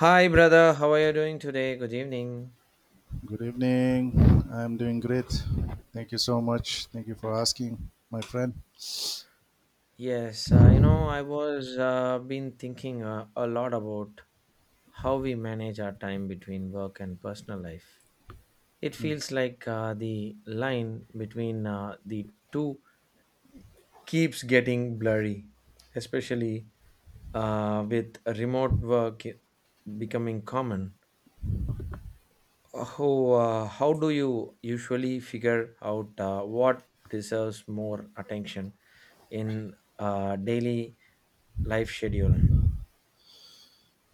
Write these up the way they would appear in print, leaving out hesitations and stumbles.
Hi, brother. How are you doing today? Good evening. Good evening. I'm doing great. Thank you so much. Thank you for asking, my friend. I was been thinking a lot about how we manage our time between work and personal life. It Mm. feels like the line between the two keeps getting blurry, especially with remote work becoming common. How how do you usually figure out what deserves more attention in daily life schedule.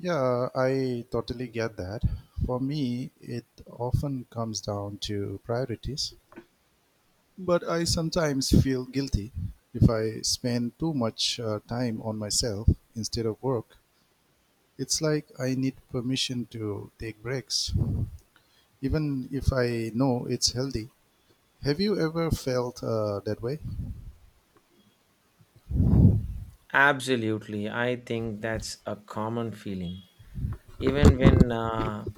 Yeah, I totally get that. For me, it often comes down to priorities, but I sometimes feel guilty if I spend too much time on myself instead of work. It's like I need permission to take breaks, even if I know it's healthy. Have you ever felt that way? Absolutely, I think that's a common feeling. Even when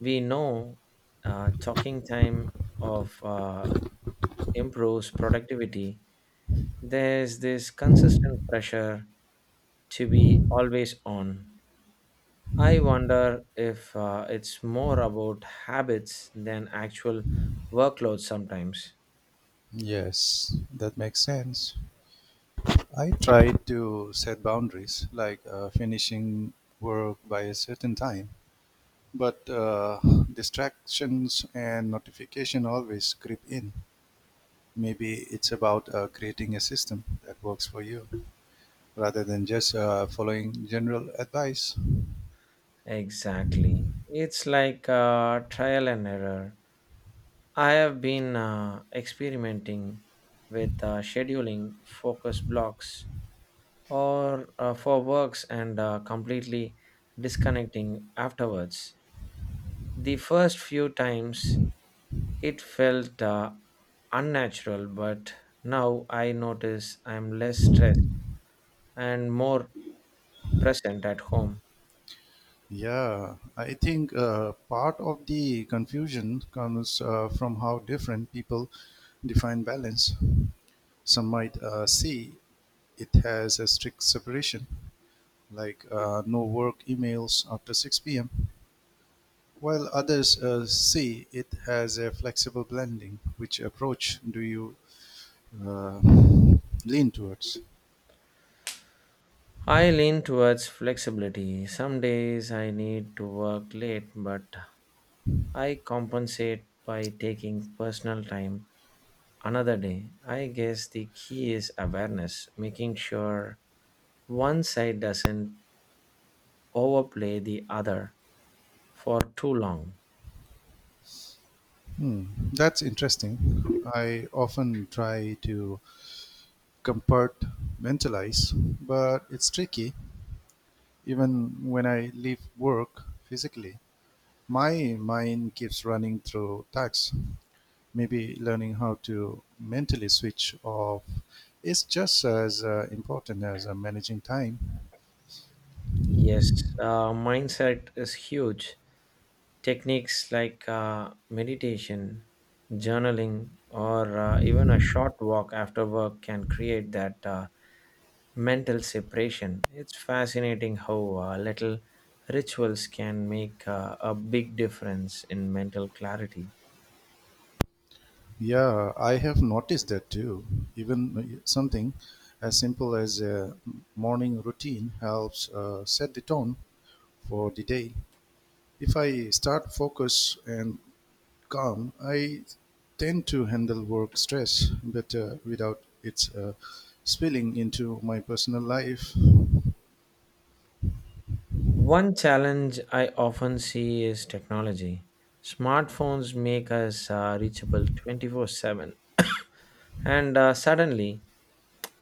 we know talking time of improves productivity, there's this consistent pressure to be always on. I wonder if it's more about habits than actual workload sometimes. Yes, that makes sense. I try to set boundaries, like finishing work by a certain time, but distractions and notification always creep in. Maybe it's about creating a system that works for you rather than just following general advice. Exactly. It's like a trial and error. I have been experimenting with scheduling focus blocks or for works and completely disconnecting afterwards. The first few times it felt unnatural, but now I notice I'm less stressed and more present at home. Yeah, I think part of the confusion comes from how different people define balance. Some might see it has a strict separation, like no work emails after 6 p.m. While others see it has a flexible blending. Which approach do you uh, lean towards? I lean towards flexibility. Some days I need to work late, but I compensate by taking personal time another day. I guess the key is awareness, making sure one side doesn't overplay the other for too long. Hmm, that's interesting. I often try to compartmentalize, but it's tricky. Even when I leave work physically, my mind keeps running through tasks. Maybe learning how to mentally switch off is just as important as managing time. Yes, mindset is huge. Techniques like meditation, journaling, or even a short walk after work can create that. Mental separation. It's fascinating how little rituals can make a big difference in mental clarity. Yeah, I have noticed that too. Even something as simple as a morning routine helps set the tone for the day. If I start focus and calm, I tend to handle work stress better without its spilling into my personal life. One challenge I often see is technology. Smartphones make us reachable 24/7, and suddenly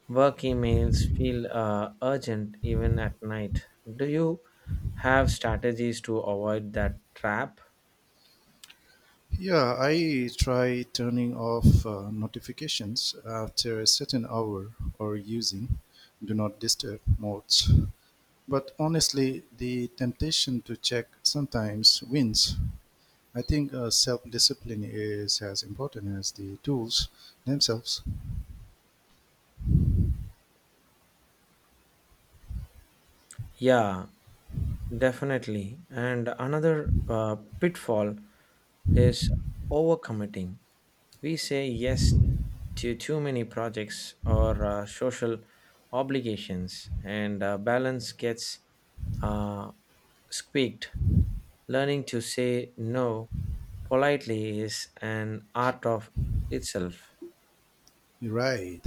work emails feel urgent even at night. Do you have strategies to avoid that trap? Yeah, I try turning off notifications after a certain hour or using do not disturb modes. But honestly, the temptation to check sometimes wins. I think self discipline is as important as the tools themselves. Yeah, definitely. And another pitfall is overcommitting. We say yes to too many projects or social obligations, and balance gets uh, squeaked. Learning to say no politely is an art of itself. Right.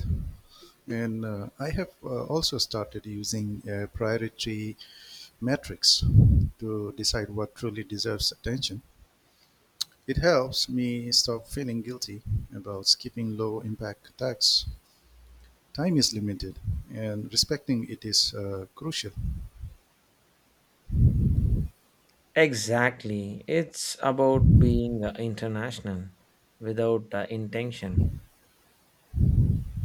And I have also started using a priority matrix to decide what truly deserves attention. It helps me stop feeling guilty about skipping low impact tasks. Time is limited and respecting it is crucial. Exactly. It's about being international without intention.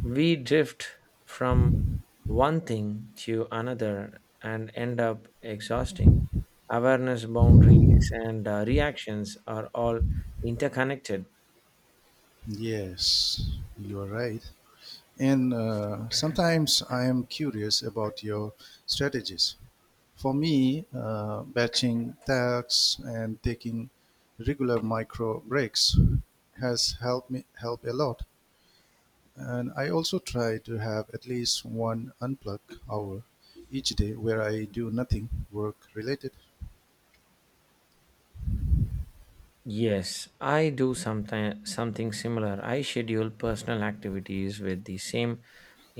We drift from one thing to another and end up exhausting. Awareness, boundaries, and reactions are all interconnected. Yes, you're right. And sometimes I am curious about your strategies. For me, batching tasks and taking regular micro breaks has helped me help a lot. And I also try to have at least one unplug hour each day where I do nothing work related. Yes, I do something similar. I schedule personal activities with the same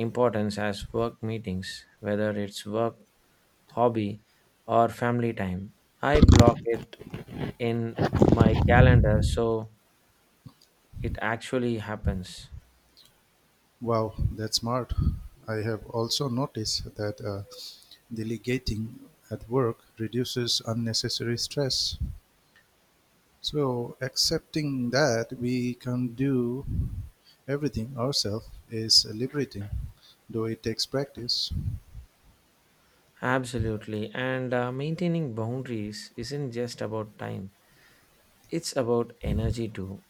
importance as work meetings, whether it's work, hobby, or family time. I block it in my calendar so it actually happens. Wow, that's smart. I have also noticed that delegating at work reduces unnecessary stress. So, accepting that we can do everything ourselves is liberating, though it takes practice. Absolutely. And maintaining boundaries isn't just about time, it's about energy too.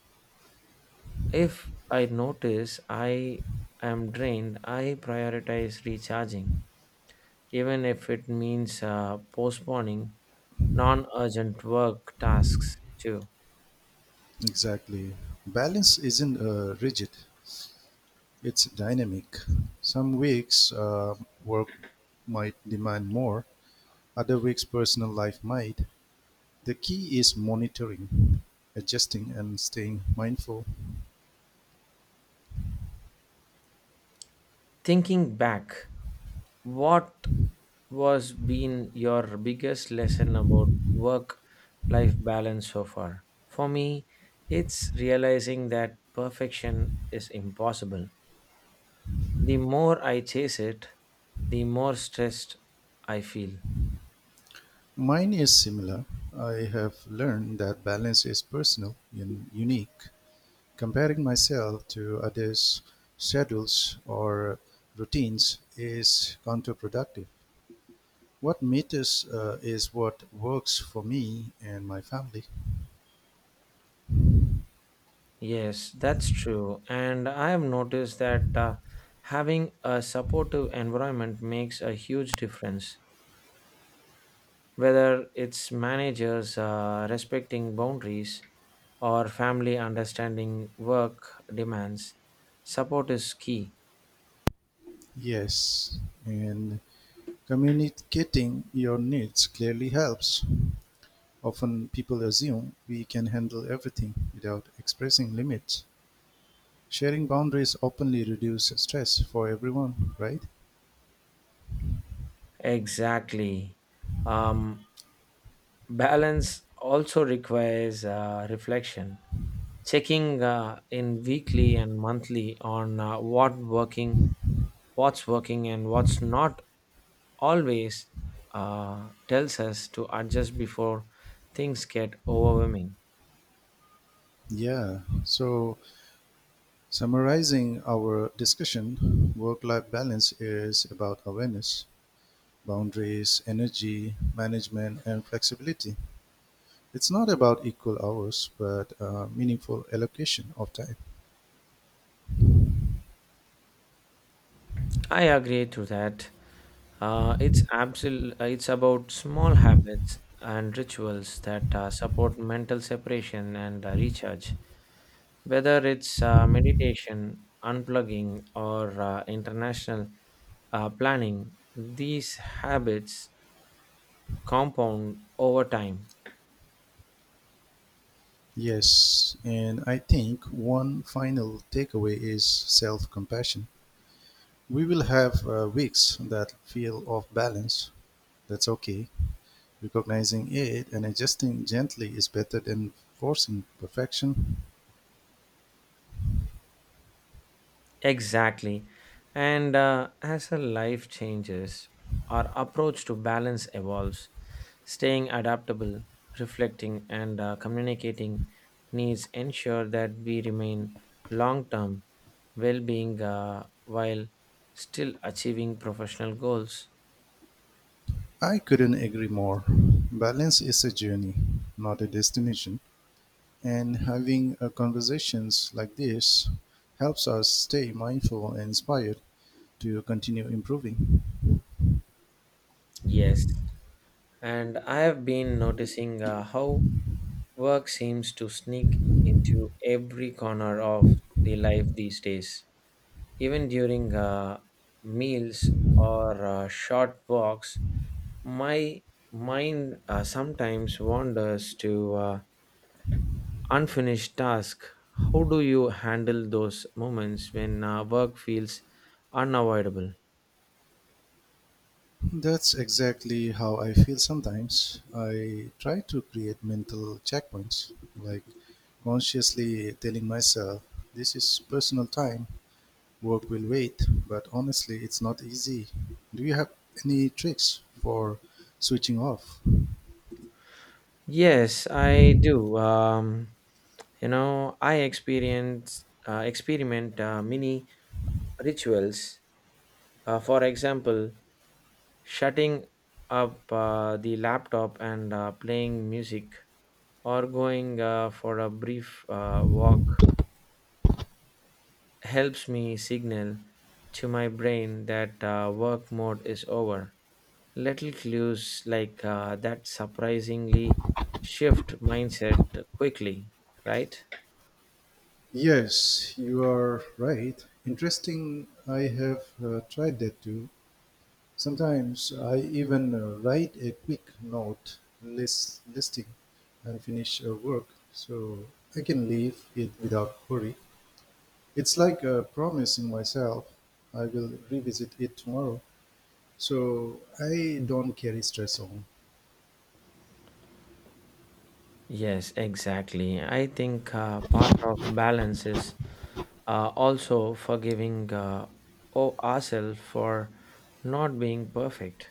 If I notice I am drained, I prioritize recharging, even if it means postponing non urgent work tasks too. Exactly. Balance isn't rigid, it's dynamic. Some weeks work might demand more, other weeks personal life might. The key is monitoring, adjusting, and staying mindful. Thinking back, what was been your biggest lesson about work life balance so far? For me, it's realizing that perfection is impossible. The more I chase it, the more stressed I feel. Mine is similar. I have learned that balance is personal and unique. Comparing myself to others' schedules or routines is counterproductive. What matters is what works for me and my family. Yes, that's true. And I have noticed that having a supportive environment makes a huge difference. Whether it's managers respecting boundaries, or family understanding work demands. Support is key. Yes, and communicating your needs clearly helps. Often people assume we can handle everything without expressing limits. Sharing boundaries openly reduces stress for everyone, right? Exactly. Um, balance also requires reflection, checking in weekly and monthly on what working, what's working, and what's not. Always tells us to adjust before things get overwhelming. Yeah, so summarizing our discussion, work life balance is about awareness, boundaries, energy management, and flexibility. It's not about equal hours, but meaningful allocation of time. I agree to that. It's about small habits and rituals that support mental separation and recharge. Whether it's meditation, unplugging, or international planning, these habits compound over time. Yes, and I think one final takeaway is self compassion. We will have weeks that feel off balance. That's okay. Recognizing it and adjusting gently is better than forcing perfection. Exactly. And as our life changes, our approach to balance evolves. Staying adaptable, reflecting, and communicating needs ensure that we remain long term well being while still achieving professional goals. I couldn't agree more. Balance is a journey, not a destination. And having conversations like this helps us stay mindful and inspired to continue improving. Yes. And I have been noticing how work seems to sneak into every corner of the life these days. Even during meals or short walks, my mind sometimes wanders to unfinished tasks. How do you handle those moments when work feels unavoidable? That's exactly how I feel sometimes. I try to create mental checkpoints, like consciously telling myself, this is personal time, work will wait, but honestly, it's not easy. Do you have any tricks for switching off? Yes, I do. I experience experiment mini rituals. For example, shutting up the laptop and playing music or going for a brief walk helps me signal to my brain that work mode is over. Little clues like that surprisingly shift mindset quickly, right? Yes, you are right. Interesting. I have tried that too. Sometimes I even write a quick note, listing unfinished work so I can leave it without worry. It's like promising myself I will revisit it tomorrow so I don't carry stress on. Yes, exactly. I think part of balance is also forgiving ourselves for not being perfect.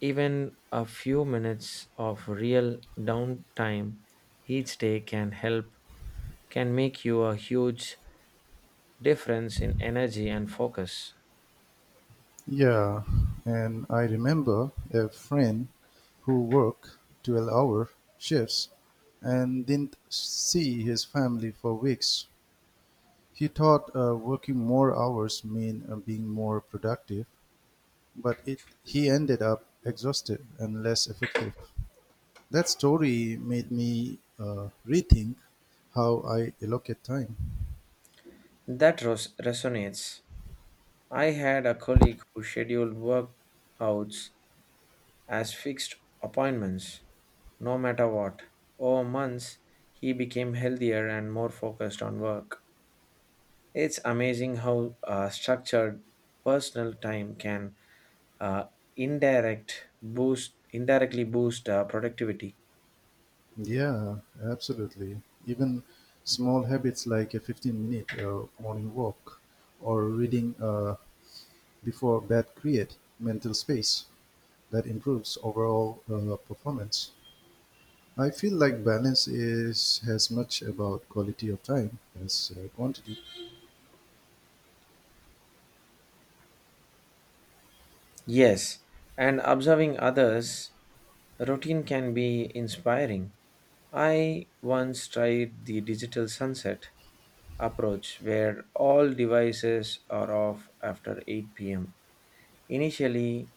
Even a few minutes of real downtime each day can help, can make you a huge difference in energy and focus. Yeah, and I remember a friend who worked 12-hour shifts and didn't see his family for weeks. He thought working more hours meant being more productive, but he ended up exhausted and less effective. That story made me rethink how I allocate time. Resonates. I had a colleague who scheduled workouts as fixed appointments, no matter what. Over months, he became healthier and more focused on work. It's amazing how structured personal time can uh, indirectly boost productivity. Yeah, absolutely. Even small habits like a 15 minute morning walk or reading before bed create mental space that improves overall performance. I feel like balance is as much about quality of time as quantity. Yes, and observing others routine can be inspiring. I once tried the digital sunset approach where all devices are off after 8 p.m. Initially,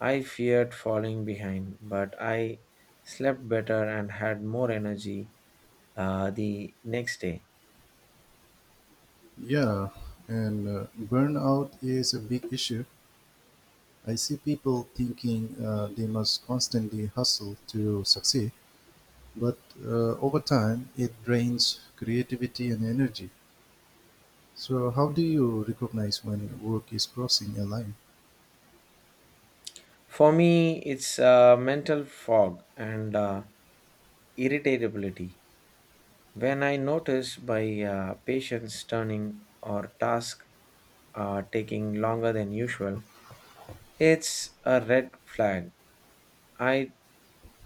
I feared falling behind, but I slept better and had more energy the next day. Yeah, and burnout is a big issue. I see people thinking they must constantly hustle to succeed, but over time it drains creativity and energy. So, how do you recognize when work is crossing a line? For me, it's mental fog and irritability. When I notice my patience turning or task taking longer than usual, it's a red flag. I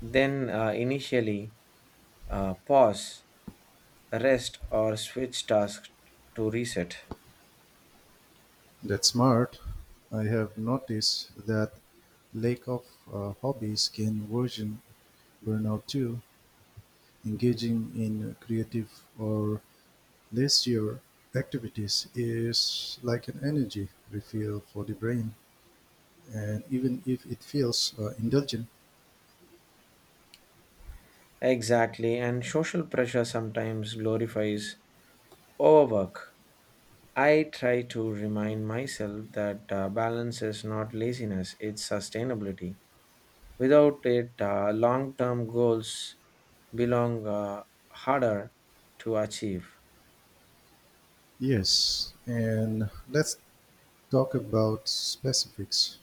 then initially pause, rest, or switch tasks to reset. That's smart. I have noticed that lack of hobbies can worsen burnout too. Engaging in creative or leisure activities is like an energy refill for the brain, and even if it feels indulgent, Exactly, and social pressure sometimes glorifies overwork. I try to remind myself that balance is not laziness, it's sustainability. Without it, long term goals belong harder to achieve. yes. And let's talk about specifics.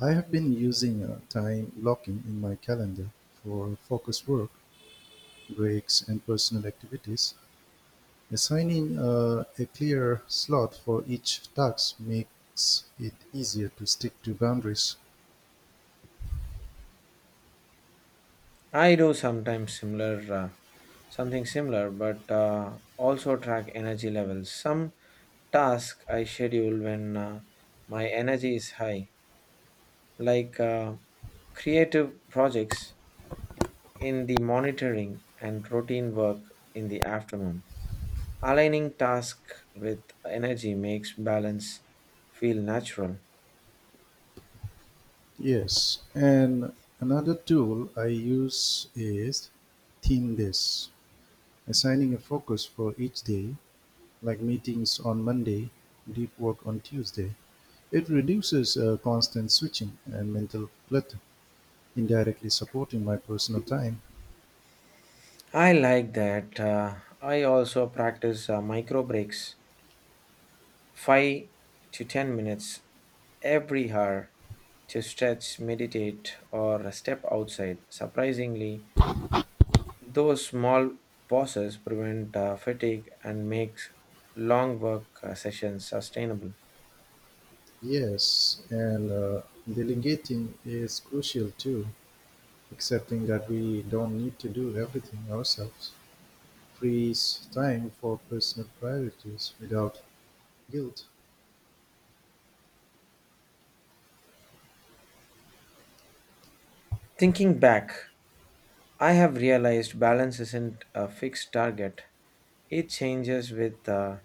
I have been using time blocking in my calendar for focused work, breaks, and personal activities. Assigning a clear slot for each task makes it easier to stick to boundaries. I do sometimes similar, something similar, but also track energy levels. Some tasks I schedule when my energy is high, like creative projects in the monitoring and routine work in the afternoon. Aligning task with energy makes balance feel natural. Yes, and another tool I use is theme days, assigning a focus for each day, like meetings on Monday, deep work on Tuesday. It reduces constant switching and mental clutter, indirectly supporting my personal time. I like that. I also practice micro breaks, 5 to 10 minutes every hour to stretch, meditate, or step outside. Surprisingly, those small pauses prevent fatigue and makes long work sessions sustainable. Yes, and delegating is crucial too, accepting that we don't need to do everything ourselves frees time for personal priorities without guilt. Thinking back, I have realized balance isn't a fixed target. It changes with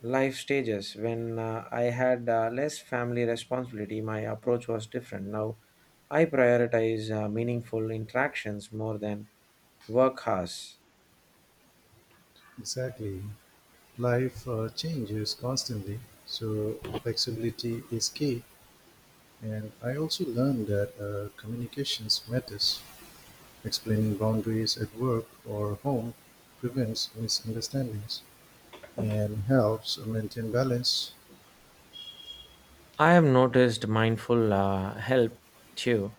life stages. When I had less family responsibility, my approach was different. Now I prioritize meaningful interactions more than work hours. Exactly. Life changes constantly, so flexibility is key. And I also learned that communications matters. Explaining boundaries at work or home prevents misunderstandings and helps maintain balance. I have noticed mindful help too.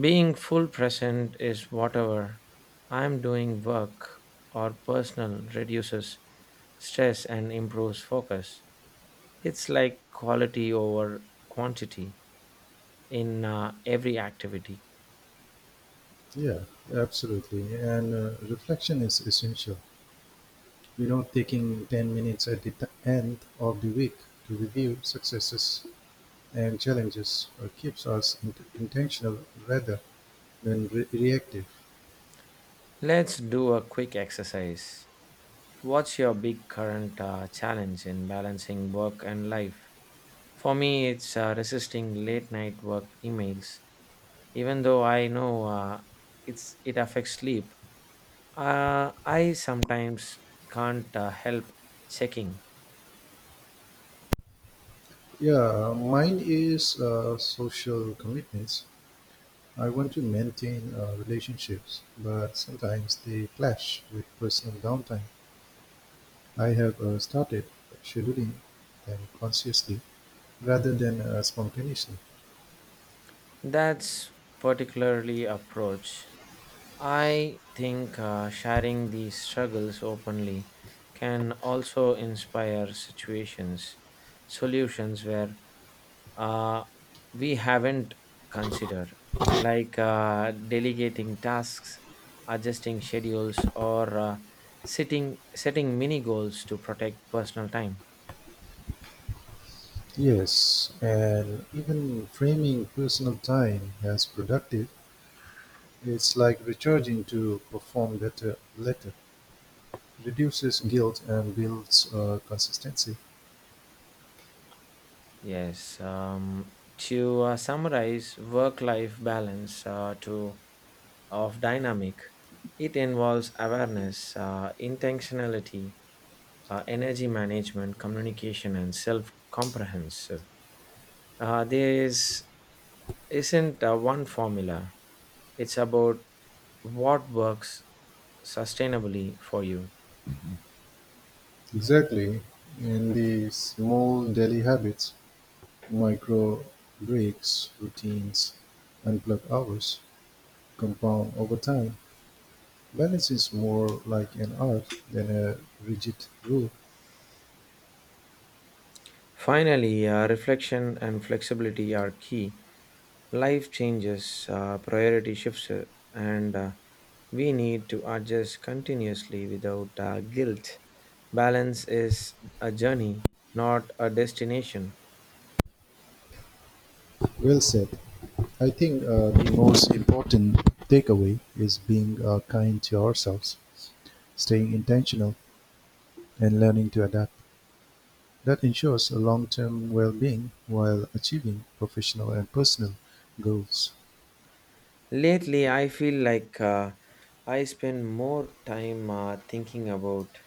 Being full present is whatever I'm doing work or personal reduces stress and improves focus. It's like quality over quantity in every activity. Yeah, absolutely. And reflection is essential. You know, taking 10 minutes at the end of the week to review successes and challenges keeps us intentional rather and reactive. Let's do a quick exercise. What's your big current challenge in balancing work and life? For me, it's resisting late night work emails. Even though I know it affects sleep, I sometimes can't help checking. Yeah, mine is social commitments. I want to maintain relationships, but sometimes they clash with personal downtime. I have started scheduling them consciously rather than spontaneously. That's particularly approach. I think sharing these struggles openly can also solutions where uh, we haven't considered, like delegating tasks, adjusting schedules, or setting mini goals to protect personal time. Yes, and even framing personal time as productive, it's like recharging to perform better later, reduces guilt and builds consistency. Yes. To summarize, work life balance to of dynamic. It involves awareness, intentionality, energy management, communication, and self comprehensive. Uh, there is, isn't one formula, it's about what works sustainably for you. Exactly. And the small daily habits, micro breaks, routines, and plug hours compound over time. Balance is more like an art than a rigid rule. Finally, reflection and flexibility are key. Life changes, priority shifts, and we need to adjust continuously without guilt. Balance is a journey, not a destination. Well said. I think the most important takeaway is being kind to ourselves, staying intentional, and learning to adapt. That ensures a long term well being while achieving professional and personal goals. Lately, I feel like I spend more time thinking about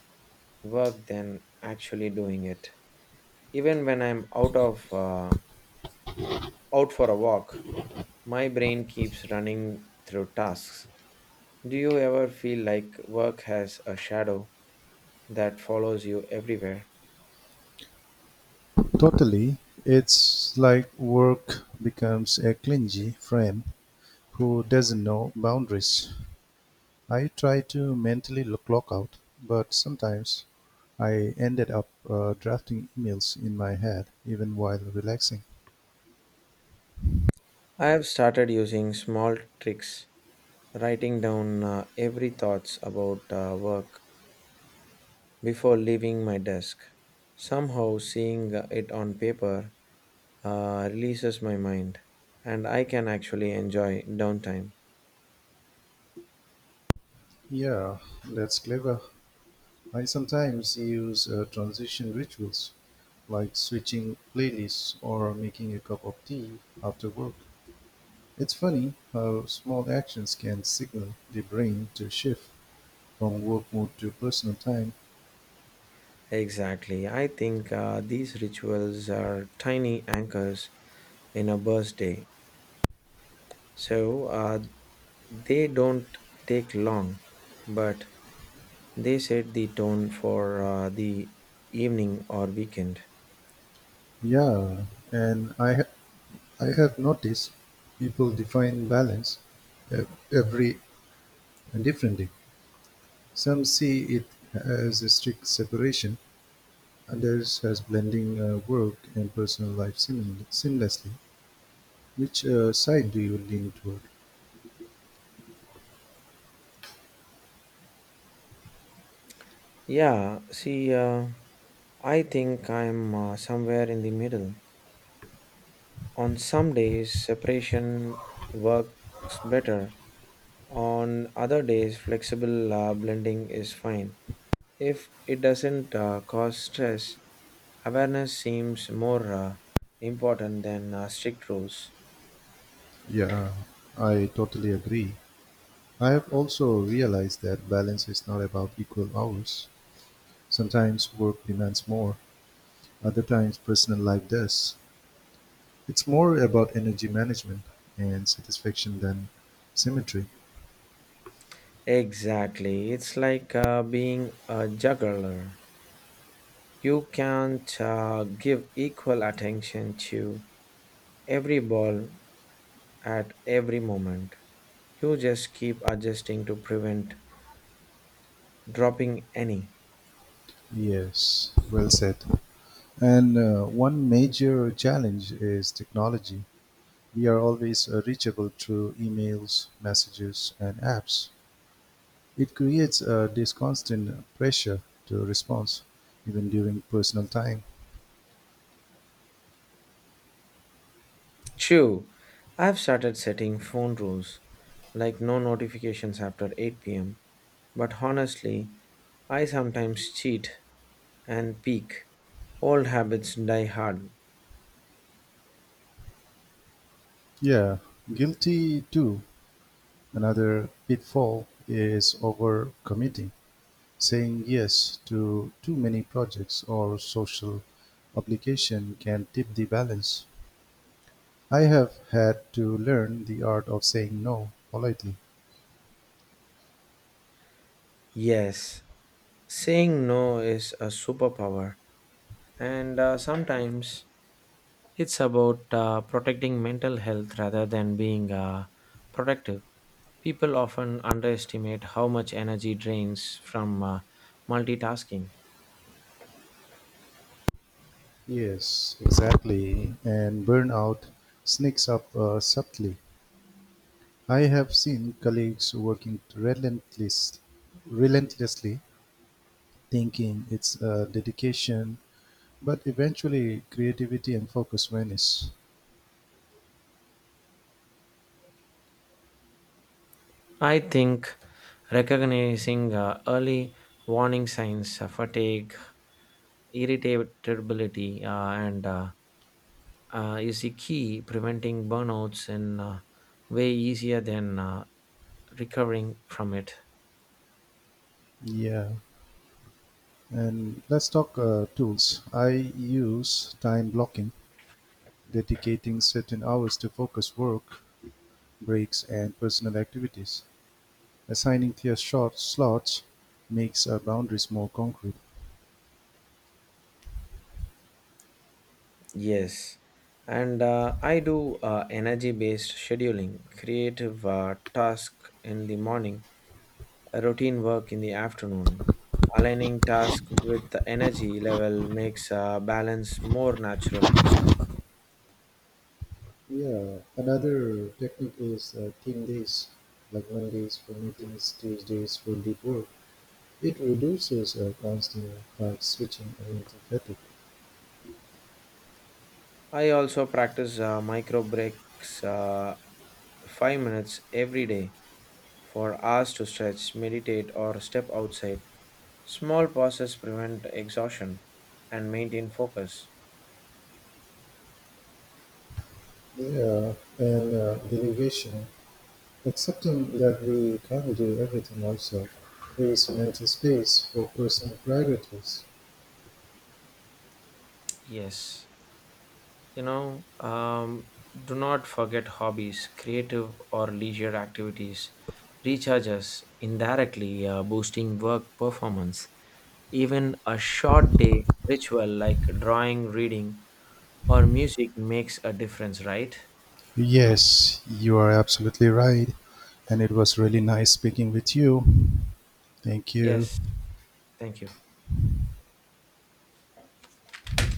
work than actually doing it. Even when I'm out for a walk, my brain keeps running through tasks. Do you ever feel like work has a shadow that follows you everywhere? Totally. It's like work becomes a clingy frame who doesn't know boundaries. I try to mentally clock out, but sometimes I ended up drafting emails in my head even while relaxing. I have started using small tricks, writing down every thoughts about work before leaving my desk. Somehow seeing it on paper releases my mind and I can actually enjoy downtime. Yeah, that's clever. I sometimes use transition rituals like switching playlists or making a cup of tea after work. It's funny how small actions can signal the brain to shift from work mode to personal time. Exactly. I think these rituals are tiny anchors in a birthday. So uh, They don't take long, but they set the tone for the evening or weekend. Yeah, and I have noticed people define balance every differently. Some see it as a strict separation, others as blending work and personal life seamlessly. Which side do you lean toward? Yeah, see, uh, I think I'm somewhere in the middle. On some days, separation works better. On other days, flexible blending is fine. If it doesn't cause stress, awareness seems more important than strict rules. Yeah, I totally agree. I have also realized that balance is not about equal hours. Sometimes work demands more, other times personal life does. It's more about energy management and satisfaction than symmetry. Exactly. It's like being a juggler. You can't give equal attention to every ball at every moment. You just keep adjusting to prevent dropping any. Yes, well said. And one major challenge is technology. We are always reachable through emails, messages, and apps. It creates this constant pressure to respond, even during personal time. True. I've started setting phone rules, like no notifications after 8 pm. But honestly, I sometimes cheat and peek. Old habits die hard. Yeah, guilty too. Another pitfall is overcommitting. Saying yes to too many projects or social obligation can tip the balance. I have had to learn the art of saying no politely. Yes, saying no is a superpower, and sometimes it's about protecting mental health rather than being protective. People often underestimate how much energy drains from multitasking. Yes, exactly. And burnout sneaks up subtly. I have seen colleagues working relentlessly, thinking it's dedication, but eventually creativity and focus vanish. I think recognizing early warning signs, fatigue, irritability, and is the key preventing burnouts in way easier than recovering from it. Yeah. And let's talk tools. I use time blocking, dedicating certain hours to focus work, breaks, and personal activities. Assigning clear short slots makes boundaries more concrete. Yes, and I do energy-based scheduling, creative task in the morning, a routine work in the afternoon. Aligning task with the energy level makes balance more natural. Yeah, another technique is team days, like Mondays for meetings, Tuesdays for deep work. It reduces constant flag switching and mental fatigue. I also practice micro breaks, 5 minutes every day for hours to stretch, meditate, or step outside. Small pauses prevent exhaustion and maintain focus. Yeah, and delegation. Accepting that we can't do everything ourselves, there is limited space for personal priorities. Yes. you know um, do not forget hobbies creative or leisure activities recharge us indirectly boosting work performance, even a short day ritual like drawing, reading, or music makes a difference, right? Yes, you are absolutely right. And it was really nice speaking with you. Thank you. Yes, thank you.